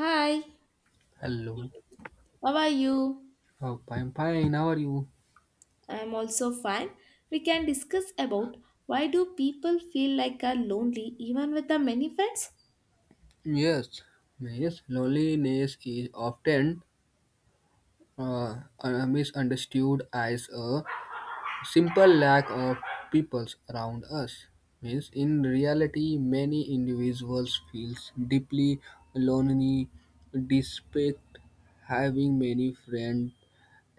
Hi, Hello. how are you? Oh, I fine. How are you? I'm also fine. We can discuss about why do people feel like are lonely even with the many friends? Yes. Yes. Loneliness is often misunderstood as a simple lack of people around us. Means in reality, many individuals feels deeply lonely despite having many friends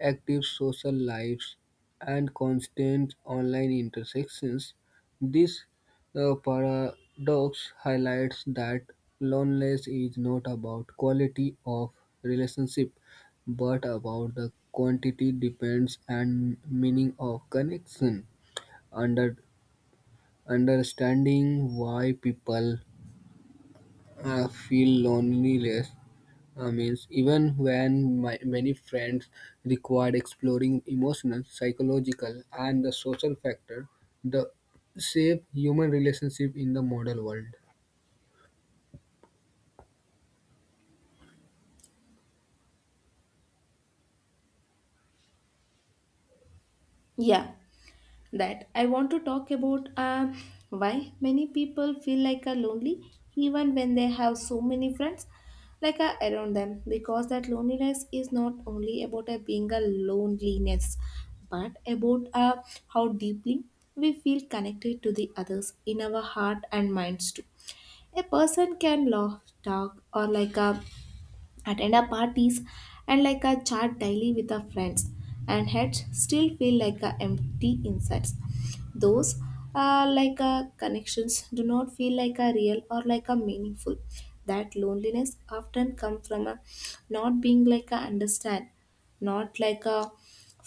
active social lives, and constant online intersections. This paradox highlights that loneliness is not about quality of relationship but about the quantity, depends, and meaning of connection. Under understanding why people feel loneliness means even when many friends required exploring emotional, psychological, and the social factor, the shape human relationship in the modern world. Yeah, that I want to talk about why many people feel like are lonely even when they have so many friends like are around them because that loneliness is not only about a being a loneliness but about how deeply we feel connected to the others in our heart and minds too. A person can laugh, talk, or like attend our parties and like a chat daily with our friends and heads still feel like a empty insides. Those like a connections do not feel like a real or like a meaningful. That loneliness often come from a not being like a understand, not like a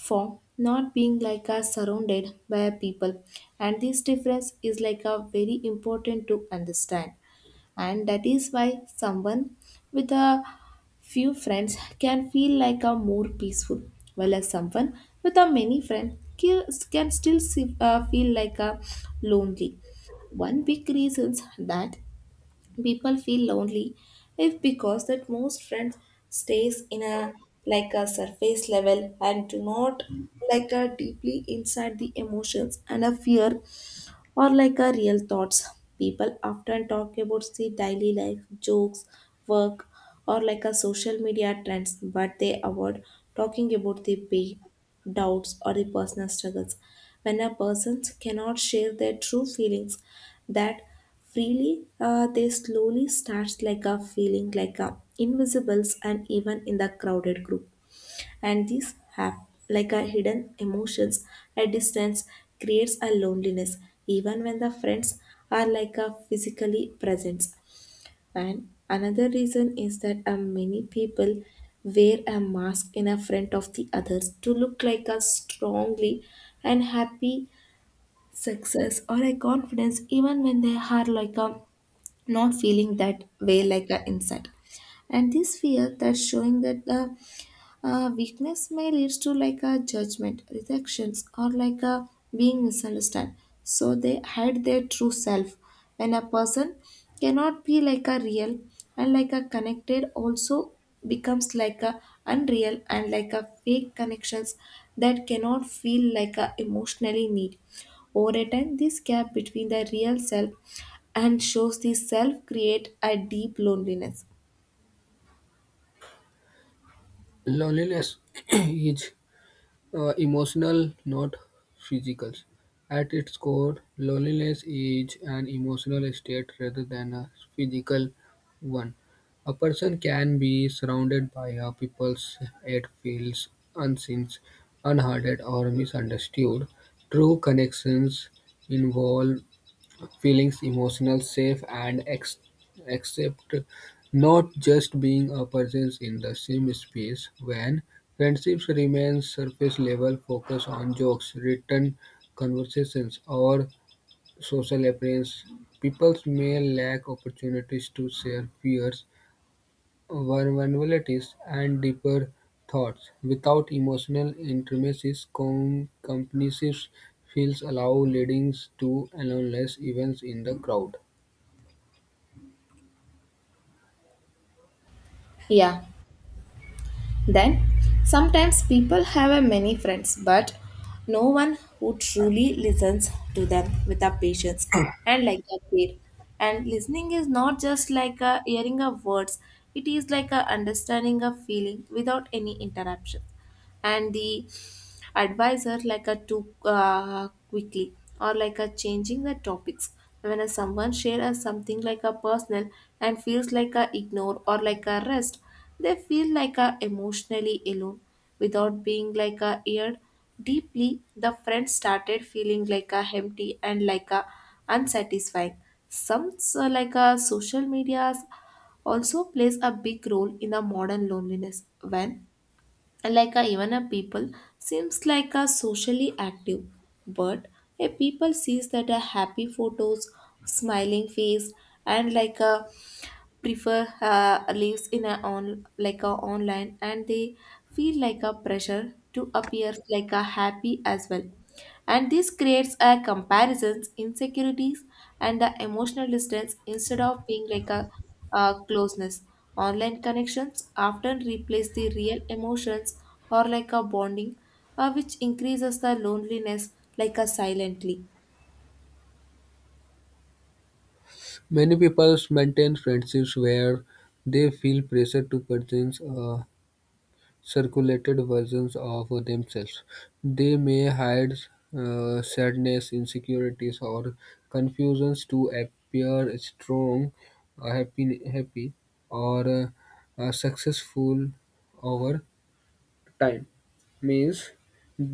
form, not being like a surrounded by a people, and this difference is like a very important to understand. And that is why someone with a few friends can feel like a more peaceful while as someone with a many friends can still see, feel like a lonely. One big reasons that people feel lonely is because that most friends stays in a like a surface level and do not like a deeply inside the emotions and a fear or like a real thoughts. People often talk about the daily life, jokes, work, or like a social media trends, but they avoid talking about the pain, doubts, or the personal struggles. When a person cannot share their true feelings that freely, they slowly starts like a feeling like a invisibles and even in the crowded group. And these have like a hidden emotions at distance creates a loneliness even when the friends are like a physically present. And another reason is that many people wear a mask in a front of the others to look like a strongly and happy, success or a confidence, even when they are like a not feeling that way like a inside. And this fear that showing that the weakness may lead to like a judgment, rejections, or like a being misunderstood. So they hide their true self. When a person cannot be like a real and like a connected, also becomes like a unreal and like a fake connections that cannot feel like a emotionally need. Over a time, this gap between the real self and shows the self create a deep loneliness. Loneliness is emotional, not physical. At its core, loneliness is an emotional state rather than a physical one. A person can be surrounded by a people yet feels unseen, unheard, or misunderstood. True connections involve Feelings, emotional, safe and accept, not just being a presence in the same space. When friendships remain surface-level, focus on jokes, written conversations, or social appearance, people may lack opportunities to share fears, vulnerabilities, and deeper thoughts. Without emotional intimacies, companies feels allow leading to aloneness events in the crowd. Yeah. Then, sometimes people have a many friends, but no one who truly listens to them with a patience and like a care. And listening is not just like a hearing of words; it is like a understanding of feeling without any interruption. And the advisor like a too quickly or like a changing the topics when a someone share a something like a personal and feels like a ignore or like a rest, they feel like a emotionally alone without being like a eared deeply. The friend started feeling like a empty and like a unsatisfying. Some so like a social medias also plays a big role in the modern loneliness when like a, even a people seems like a socially active, but a people sees that a happy photos, smiling face, and like a prefer lives in a on like a online, and they feel like a pressure to appear like a happy as well. And this creates a comparisons, insecurities, and the emotional distance instead of being like a, closeness. Online connections often replace the real emotions or like a bonding, which increases the loneliness like a silently. Many people maintain friendships where they feel pressure to present a circulated versions of themselves. They may hide sadness, insecurities, or confusions to appear strong, happy, or successful. Over time means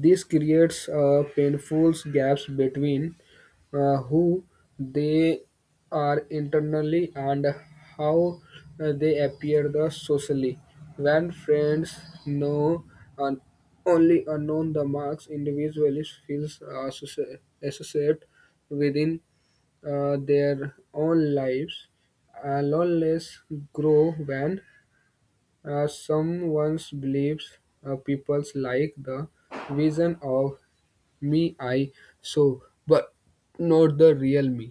this creates painful gaps between who they are internally and how they appear the socially when friends know and only unknown the marks individuals feels associated within their own lives loneliness grow when some once believes people like the vision of me I so, but not the real me.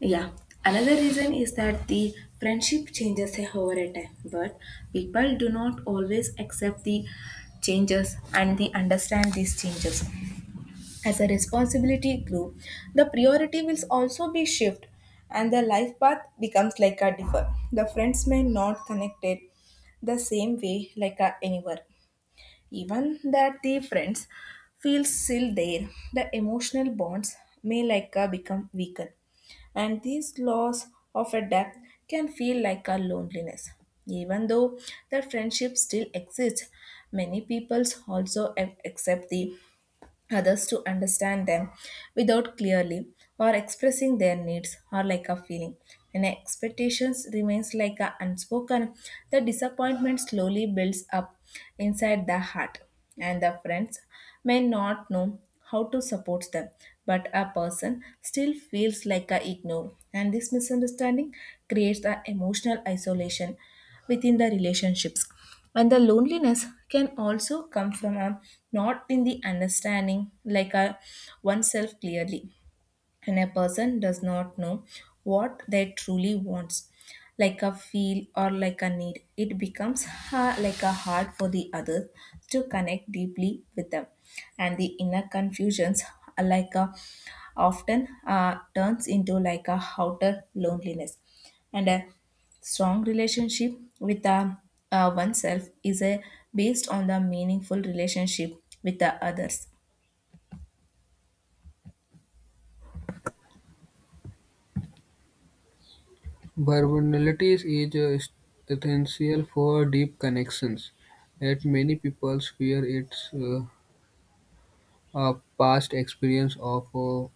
Yeah. Another reason is that the friendship changes over a time, but people do not always accept the changes and they understand these changes. As a responsibility grew, the priority will also shift and the life path becomes different. The friend not connected the way like a anywhere. Even that the friends feel still there, the emotional bonds may like a become weaker. And because gap can feel like a loneliness. Even though the friendship still exists, many people also accept the others to understand them without clearly or expressing their needs or like a feeling. And expectations remains like a unspoken, the disappointment slowly builds up inside the heart and the friends may not know how to support them, but a person still feels like a ignore. And this misunderstanding creates the emotional isolation within the relationships. And the loneliness can also come from not in the understanding like a oneself clearly. And a person does not know what they truly wants, like a feel or like a need, it becomes like a hard for the others to connect deeply with them. And the inner confusions are like a often turns into like a outer loneliness. And a strong relationship with oneself is a based on the meaningful relationship with the others. Vulnerability is essential for deep connections, yet many people fear it. A past experience of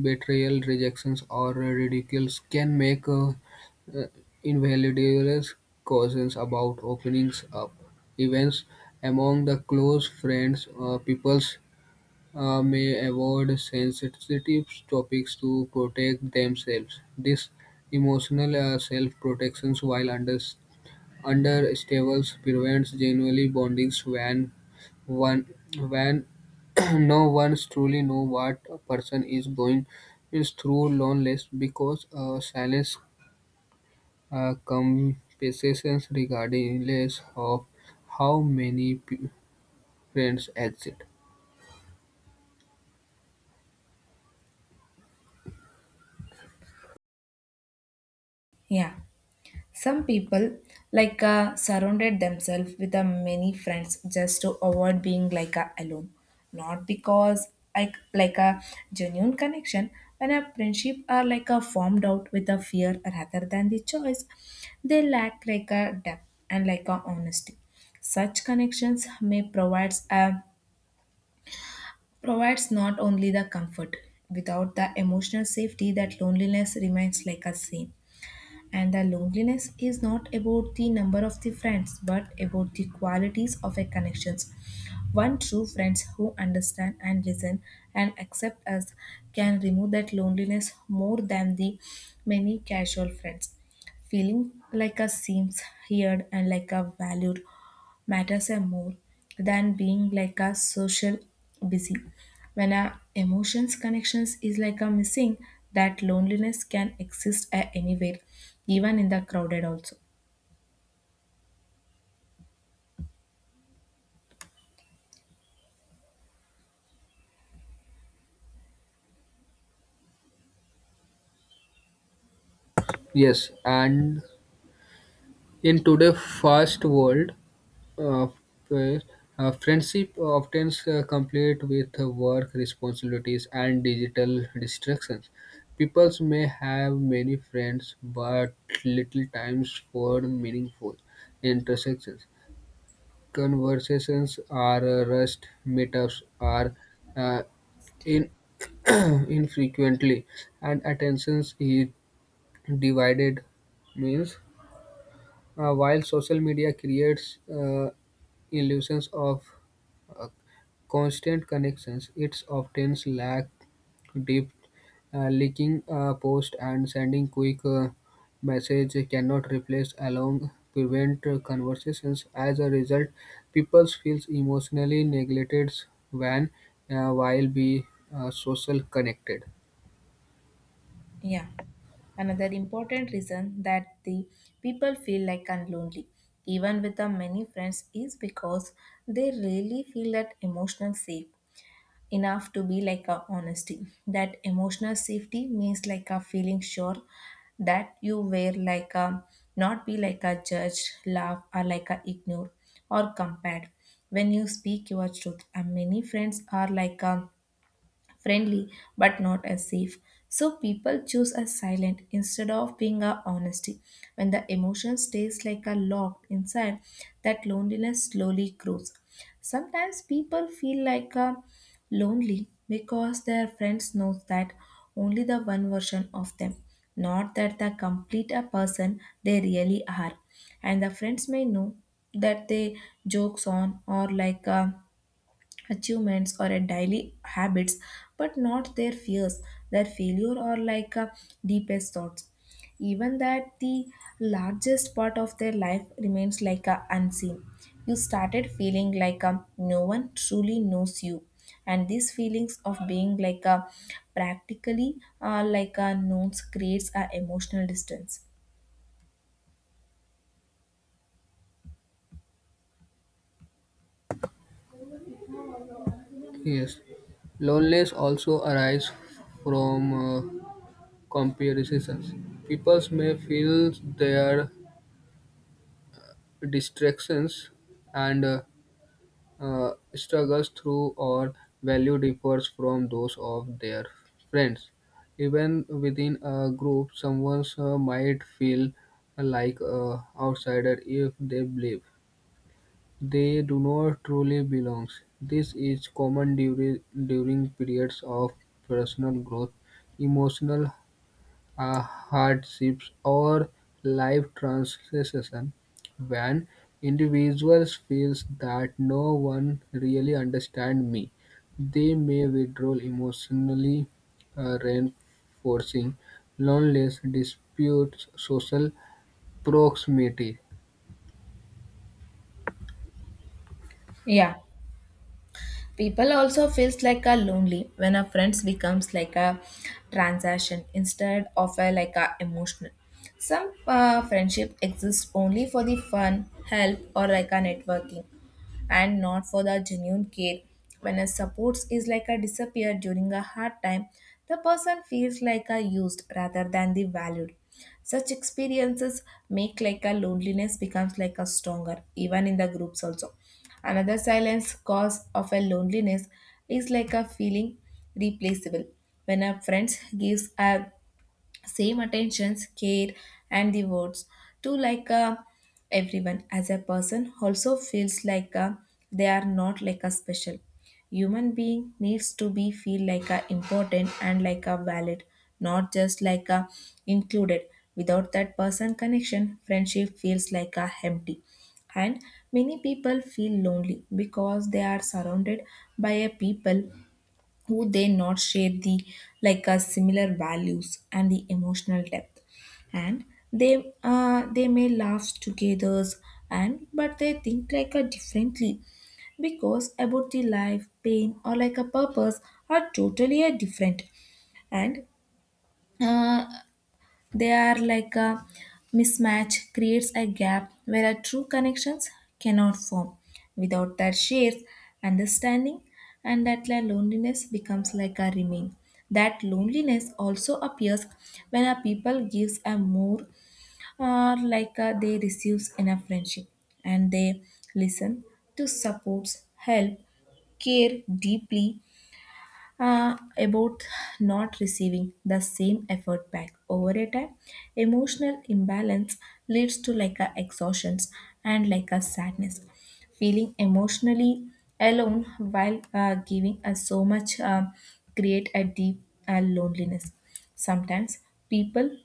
betrayal, rejections, or ridicules can make invalidate cautions about openings up. Events among the close friends, peoples may avoid sensitive topics to protect themselves. This emotional self-protection, while understandable Understables prevents genuine bondings when one when no one truly know what a person is going is through loneliness because silence compasses regardless of how many friends exist. Yeah. Some people like surrounded themselves with many friends just to avoid being like alone. Not because like a genuine connection. When a friendship are like a formed out with a fear rather than the choice, they lack like a depth and like a honesty. Such connections may provides not only the comfort without the emotional safety, that loneliness remains like a same. And the loneliness is not about the number of the friends, but about the qualities of a connections. One true friends who understand and listen and accept us can remove that loneliness more than the many casual friends. Feeling like a seems heard and like a valued matters are more than being like a social busy. When our emotions connections is like a missing, that loneliness can exist at anywhere, even in the crowded also. Yes, and in today's fast world, uh, friends- friendship often complete with work responsibilities and digital distractions. People may have many friends but little times for meaningful intersections. Conversations are rushed, meetups are uh, in infrequently, and attentions is divided means while social media creates illusions of uh, constant connections, it often lacks depth. Liking a post and sending quick message cannot replace along prevent conversations. As a result, people feel emotionally neglected when while be social connected. Yeah. Another important reason that the people feel like and lonely, even with the many friends, is because they really feel that emotional safe enough to be like a honesty. That emotional safety means like a feeling sure that you were like a not be like a judged, laugh, or like a ignore or compared when you speak your truth. And many friends are like a friendly but not as safe. So people choose a silent instead of being a honesty. When the emotion stays like a locked inside, that loneliness slowly grows. Sometimes people feel like a lonely because their friends know that only the one version of them, not that the complete a person they really are. And the friends may know that they jokes on or like achievements or a daily habits but not their fears, their failure, or like deepest thoughts. Even that the largest part of their life remains like a unseen, you started feeling like a, no one truly knows you. And these feelings of being like a practically like a known creates a emotional distance. Yes, loneliness also arises from comparisons, people may feel their distractions and struggles through or value differs from those of their friends. Even within a group, someone might feel like an outsider if they believe they do not truly belong. This is common during periods of personal growth, emotional hardships, or life transition when individuals feels that no one really understands me. They may withdraw emotionally, reinforcing loneliness, disputes, social proximity. Yeah. People also feels like a lonely when a friends becomes like a transaction instead of a like a emotional. Some friendship exists only for the fun, help, or like a networking and not for the genuine care. When a support is like a disappear during a hard time, the person feels like a used rather than the valued. Such experiences make like a loneliness becomes like a stronger, even in the groups also. Another silence cause of a loneliness is like a feeling replaceable. When a friend gives a same attentions, care, and the words to like everyone, as a person also feels like they are not like a special. Human being needs to be feel like a important and like a valid, not just like a included. Without that person connection, friendship feels like a empty. And many people feel lonely because they are surrounded by a people who they not share the like similar values and the emotional depth. And they may laugh together and but they think like a differently because about the life, pain, or like a purpose are totally a different. And uh, they are like a mismatch creates a gap where a true connections cannot form. Without that shares understanding, and that loneliness becomes like a remain. That loneliness also appears when a people gives a more or like a they receives in a friendship and they listen to supports help care deeply about not receiving the same effort back over a time emotional imbalance leads to like a exhaustions and like a sadness feeling emotionally alone while giving us so much create a deep loneliness. Sometimes people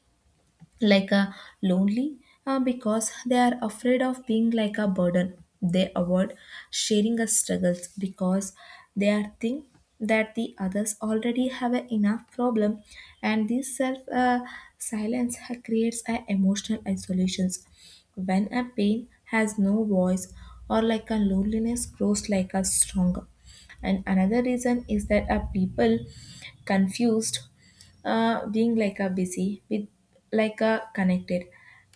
like a lonely because they are afraid of being like a burden. They avoid sharing a struggles because they are think that the others already have a enough problem, and this self creates a emotional isolations. When a pain has no voice or like a loneliness grows like a stronger. And another reason is that a people confused being like a busy with like a connected,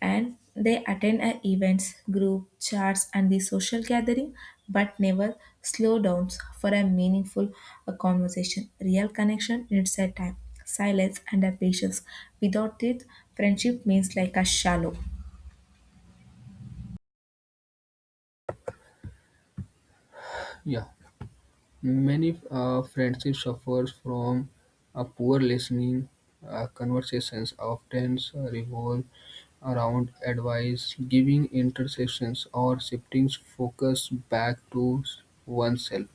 and they attend a events group chats and the social gathering but never slow downs for a meaningful conversation. Real connection needs a time, silence and a patience. Without it friendship means like a shallow. Yeah. Many friendships suffer from a poor listening. Conversations often revolve around advice, giving interceptions, or shifting focus back to oneself.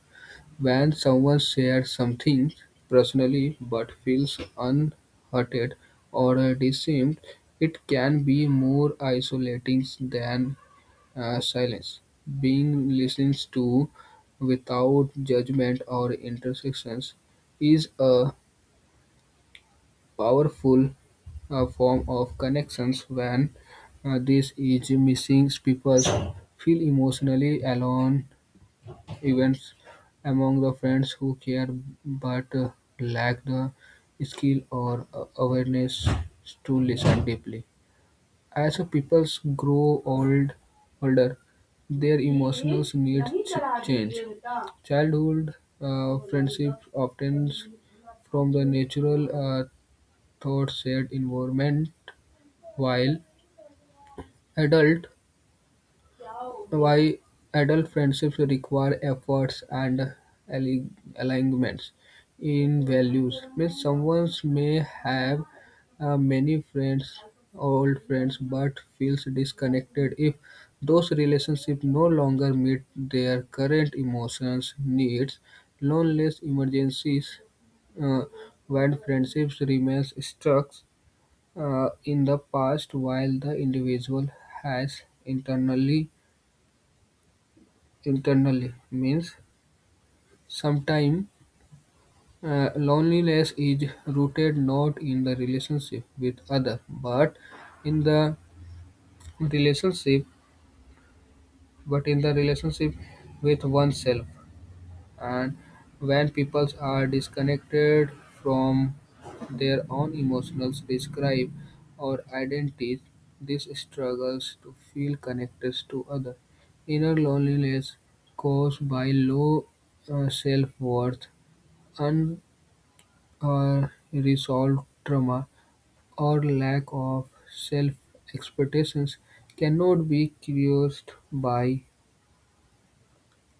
When someone shares something personally but feels unhurted or disarmed, it can be more isolating than silence, being listened to without judgment or intersections, is a powerful form of connections when this is missing. People feel emotionally alone, even among the friends who care but lack the skill or awareness to listen deeply. As people grow old, older, their emotional needs change. Childhood friendships often from the natural uh, thought shared environment, while adult why adult friendships require efforts and ali- alignments in values, means someone may have many friends, old friends, but feels disconnected if those relationships no longer meet their current emotions, needs, loneliness, emergencies, uh, when friendships remains stuck in the past while the individual has internally, means sometimes loneliness is rooted not in the relationship with other, but in relationship, the relationship with oneself. And when people are disconnected from their own emotions, describe or identities, this struggles to feel connected to other. Inner loneliness caused by low self-worth Or resolved trauma or lack of self expectations, cannot be cured by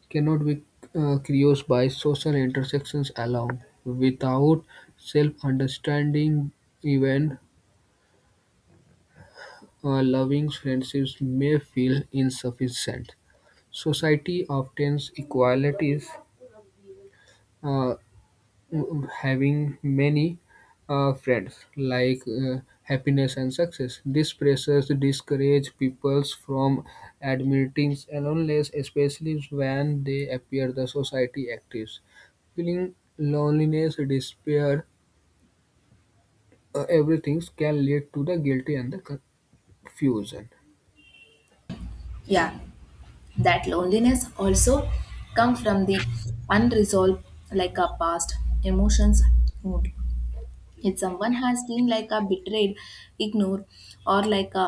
cannot be cured by social intersections alone. Without self-understanding, even loving friendships may feel insufficient. Society often equates uh, having many friends like happiness and success. These pressures discourage people from admitting loneliness, especially when they appear the society actives. Feeling loneliness, despair, everything can lead to the guilty and the confusion. Yeah, that loneliness also come from the unresolved like a past emotions wound. If someone has been like a betrayed, ignored, or like a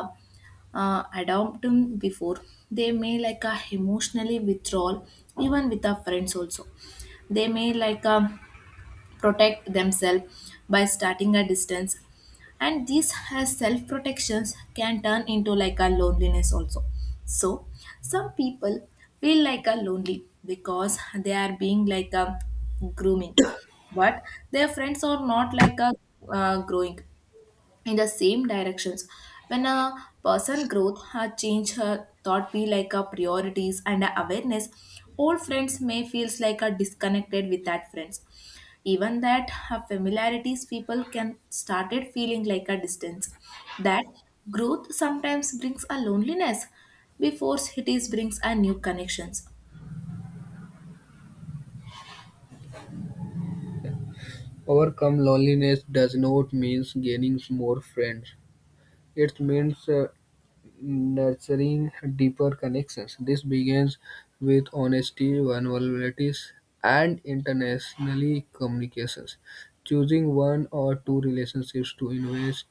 adopted before, they may like a emotionally withdrawal even with our friends also. They may like a protect themselves by starting a distance, and this has self protections can turn into like a loneliness also. So some people feel like a lonely because they are being like a grooming, but their friends are not like a growing in the same directions. When a person growth has changed her thought be like a priorities and a awareness, old friends may feels like a disconnected with that friends. Even that her familiarities people can started feeling like a distance. That growth sometimes brings a loneliness before cities brings a new connections. Overcome loneliness does not mean gaining more friends. It means nurturing deeper connections. This begins with honesty, vulnerabilities, and internationally communications. Choosing one or two relationships to invest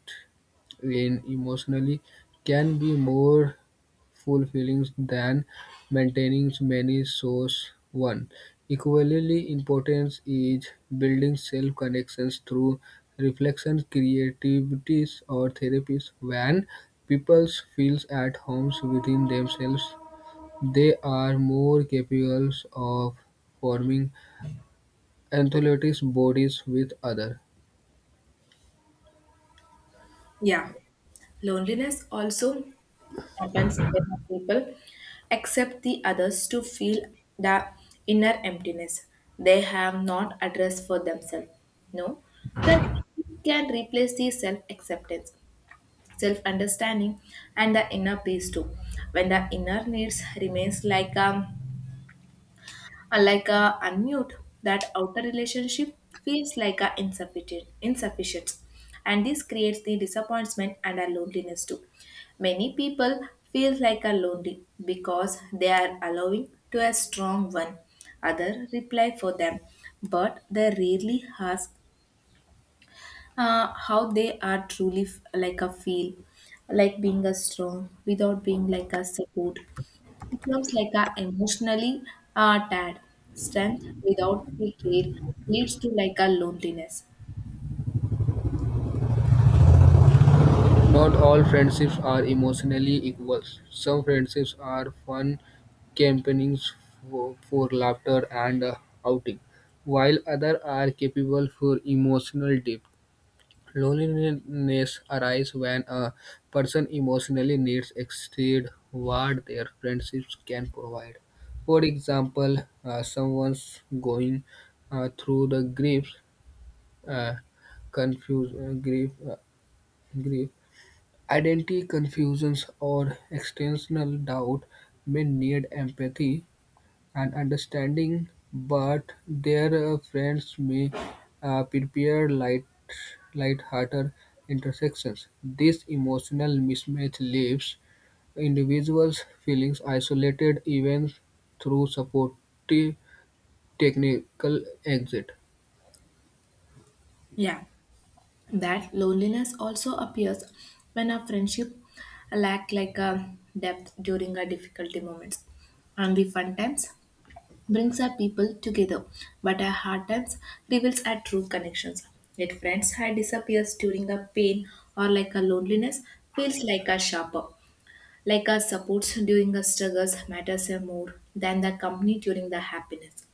in emotionally can be more fulfilling than maintaining many source one. Equally important is building self-connections through reflections, creativities, or therapies. When people feel at home within themselves, they are more capable of forming empathetic bodies with others. Yeah. Loneliness also happens when people accept the others to feel the inner emptiness they have not addressed for themselves. No, that can replace the self acceptance, self understanding, and the inner peace too. When the inner needs remains like unlike a unmute, that outer relationship feels like a insufficient, insufficient, and this creates the disappointment and a loneliness too. Many people feel like a lonely because they are allowing to a strong one. Other reply for them, but they rarely ask how they are truly like a feel, like being a strong without being like a support it becomes like a emotionally tired. Strength without the care leads to like a loneliness. Not all friendships are emotionally equal. Some friendships are fun campaignings for laughter and outing, while others are capable for emotional depth. Loneliness arises when a person emotionally needs exceed what their friendships can provide. For example, someone's going through the grief, uh, confuse, uh, grief, uh, grief, identity confusions, or external doubt may need empathy and understanding, but their friends may prepare light-hearted intersections. This emotional mismatch leaves individuals feeling isolated even through supportive technical exit. Yeah, that loneliness also appears when a friendship lack like a depth during a difficulty moments. And the fun times brings our people together, but our hard times reveals our true connections. Yet friends had disappears during a pain or like a loneliness feels like a sharper. Like our supports during the struggles matters more than the company during the happiness.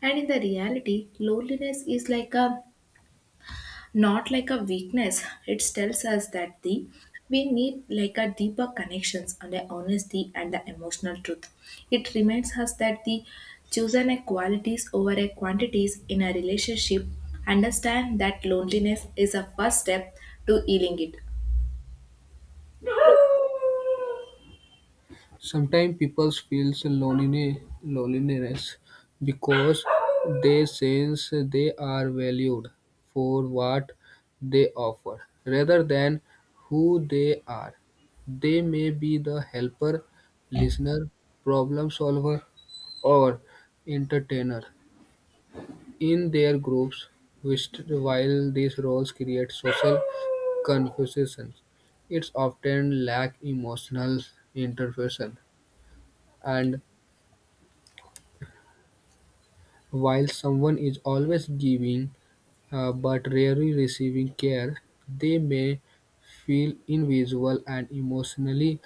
And in the reality, loneliness is like a not like a weakness. It tells us that the we need like a deeper connections and the honesty and the emotional truth. It reminds us that the chosen a qualities over a quantities in a relationship. Understand that loneliness is a first step to healing it. Sometimes people feel loneliness because they sense they are valued for what they offer rather than who they are. They may be the helper, listener, problem solver, or entertainer in their groups, which, while these roles create social confusions, it's often lack emotional intervention and While someone is always giving, but rarely receiving care, they may feel invisible and emotionally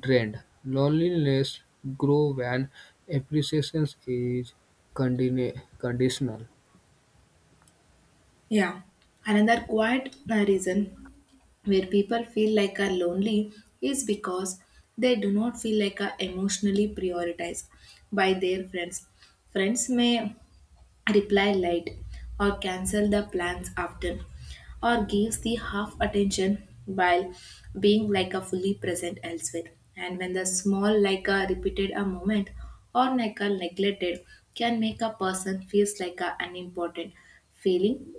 drained. Loneliness grows when appreciation is conditional. Yeah, another quiet reason where people feel like are lonely is because they do not feel like are emotionally prioritized by their friends. Friends may reply late or cancel the plans often or gives the half attention while being like a fully present elsewhere. And when the small like a repeated a moment or like a neglected can make a person feels like a unimportant, feeling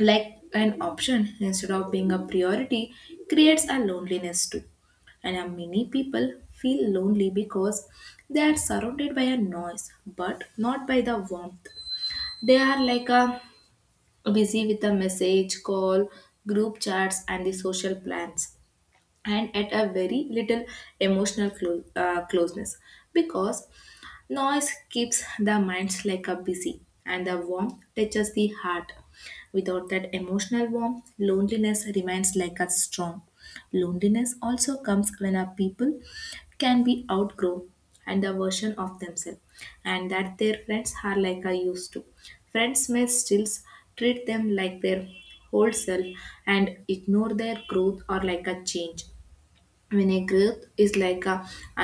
like an option instead of being a priority creates a loneliness too. And many people feel lonely because they are surrounded by a noise but not by the warmth. They are like a busy with a message call, group chats and the social plans, and at a very little emotional closeness because noise keeps the minds like a busy, and the warmth touches the heart. Without that emotional warmth, loneliness remains like a strong. Loneliness also comes when our people can be outgrown and a version of themselves, and that their friends are like a used to. Friends may still treat them like their whole self and ignore their growth or like a change. When a growth is like a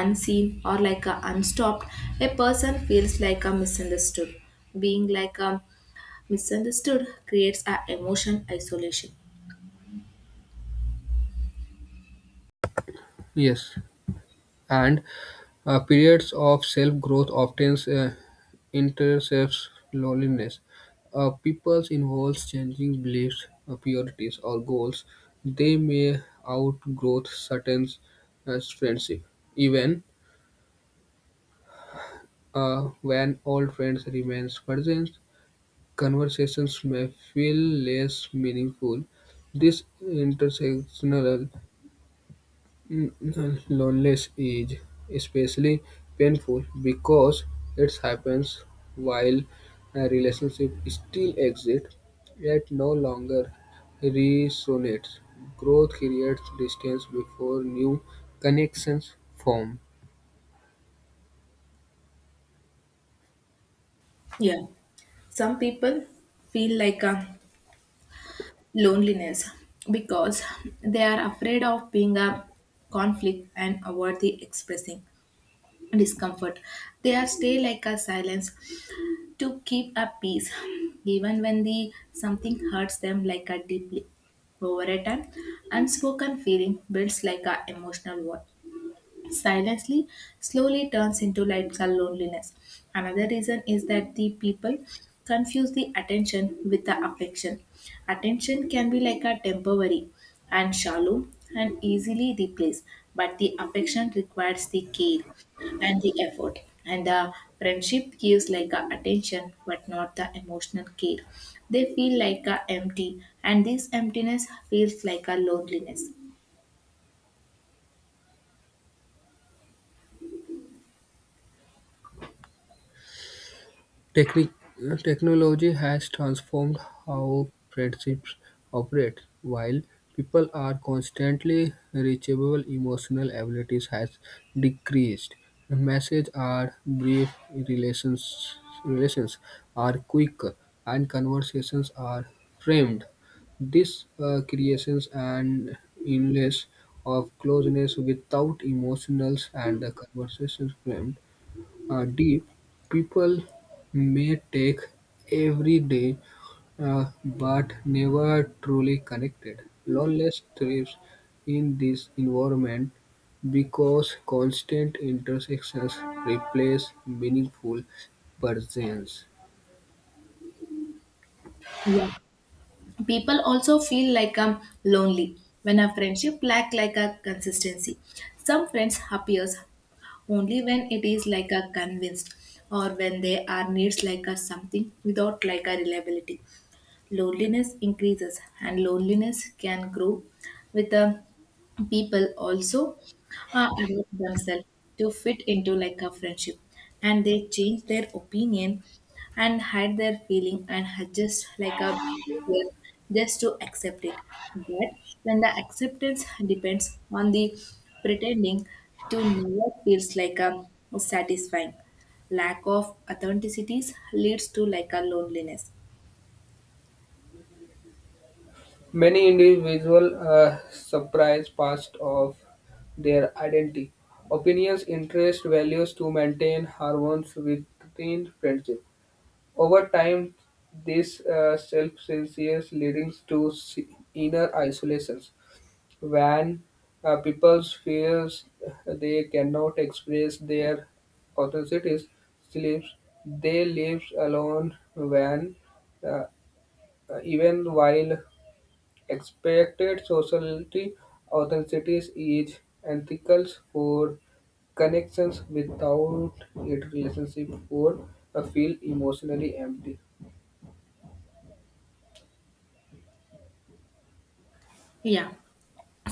unseen or like a unstopped, a person feels like a misunderstood. Being like a misunderstood creates a emotion isolation. Yes, and periods of self-growth often intercepts loneliness. People involves changing beliefs, priorities, or goals. They may outgrow certain friendships. Even when old friends remain present, conversations may feel less meaningful. This intersectional Mm, loneliness is especially painful because it happens while a relationship still exists, yet no longer resonates. Growth creates distance before new connections form. Yeah, some people feel like a loneliness because they are afraid of being a conflict and avoid the expressing discomfort. They are stay like a silence to keep a peace, even when the something hurts them like a deeply. Over a time, unspoken feeling builds like a emotional wall silently, slowly turns into like a loneliness. Another reason is that the people confuse the attention with the affection. Attention can be like a temporary and shallow and easily replaced, but the affection requires the care and the effort. And the friendship gives like a attention but not the emotional care. They feel like a empty, and this emptiness feels like a loneliness. Technology has transformed how friendships operate. While people are constantly reachable, emotional abilities has decreased. Messages are brief, relations are quick, and conversations are framed. This creations an illness of closeness without emotionals and the conversations framed deep, people may take every day but never truly connected. Loneliness thrives in this environment because constant intersections replace meaningful presence. Yeah. People also feel like I'm lonely when a friendship lack like a consistency. Some friends appears only when it is like a convinced or when they are needs like a something without like a reliability. Loneliness increases and loneliness can grow with the people also adapt themselves to fit into like a friendship, and they change their opinion and hide their feeling and adjust like a behavior just to accept it. But when the acceptance depends on the pretending to never feels like a satisfying, lack of authenticities leads to like a loneliness. Many individuals are surprised past of their identity, opinions, interests, values to maintain harmony within friendship. Over time, this self-reliance leads to inner isolations, when people feel they cannot express their authentics, sleeps, they live alone when uh, even while expected sociality authenticity is ethical for connections without it relationship would feel emotionally empty. Yeah.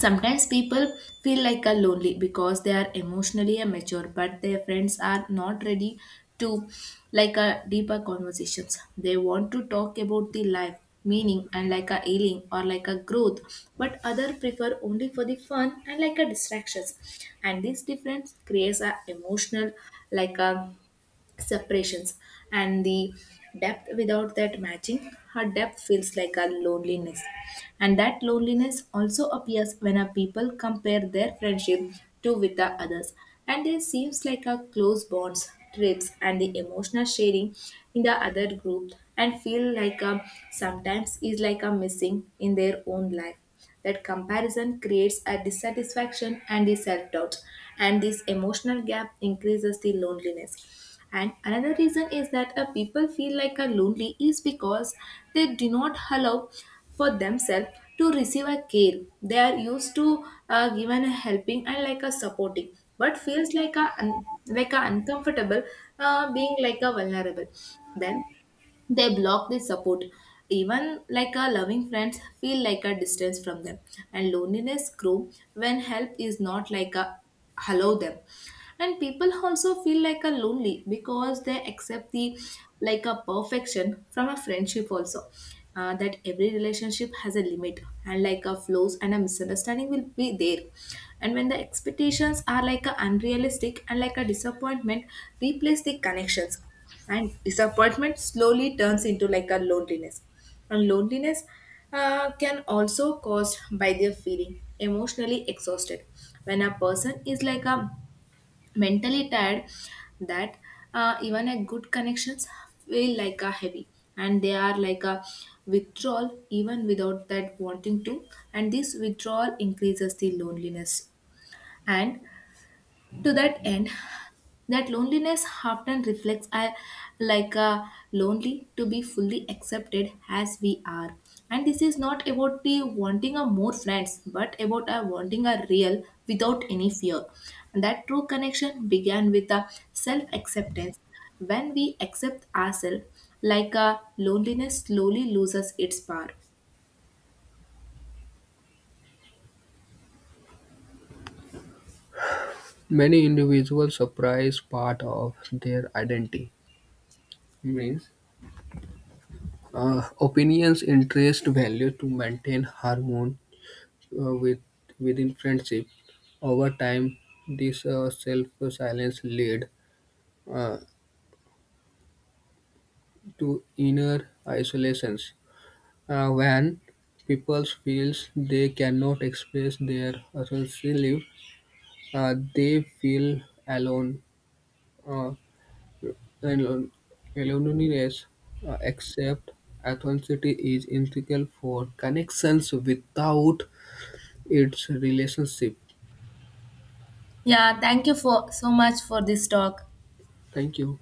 Sometimes people feel like a lonely because they are emotionally immature, but their friends are not ready to like a deeper conversations. They want to talk about the life, meaning, and like a healing or like a growth, but other prefer only for the fun and like a distractions. And this difference creates a emotional like a separations, and the depth without that matching her depth feels like a loneliness. And that loneliness also appears when a people compare their friendship to with the others, and there seems like a close bonds trips and the emotional sharing in the other group and feel like a sometimes is like a missing in their own life. That comparison creates a dissatisfaction and the self doubt, and this emotional gap increases the loneliness. And another reason is that a people feel like a lonely is because they do not allow for themselves to receive a care. They are used to given a helping and like a supporting, but feels like a like a uncomfortable being like a vulnerable. Then they block the support, even like a loving friends feel like a distance from them, and loneliness grow when help is not like a hello them. And people also feel like a lonely because they accept the like a perfection from a friendship also. That every relationship has a limit and like a flaws, and a misunderstanding will be there, and when the expectations are like a unrealistic and like a disappointment replace the connections, and disappointment slowly turns into like a loneliness. And loneliness can also caused by their feeling emotionally exhausted. When a person is like a mentally tired, that even a good connections feel like a heavy, and they are like a withdrawal even without that wanting to, and this withdrawal increases the loneliness. And to that end, that loneliness often reflects a, like a lonely to be fully accepted as we are, and this is not about the wanting a more friends but about a wanting a real without any fear. And that true connection began with a self acceptance. When we accept ourselves, like a loneliness slowly loses its power. Many individuals surprise part of their identity, means opinions, interest, value to maintain harmony uh, with, within friendship. Over time, this self-silence lead uh, to inner isolations when people feels they cannot express their essential life, they feel alone. Uh, Leonidas except authenticity is integral for connections without its relationship. Yeah, thank you for so much for this talk. Thank you.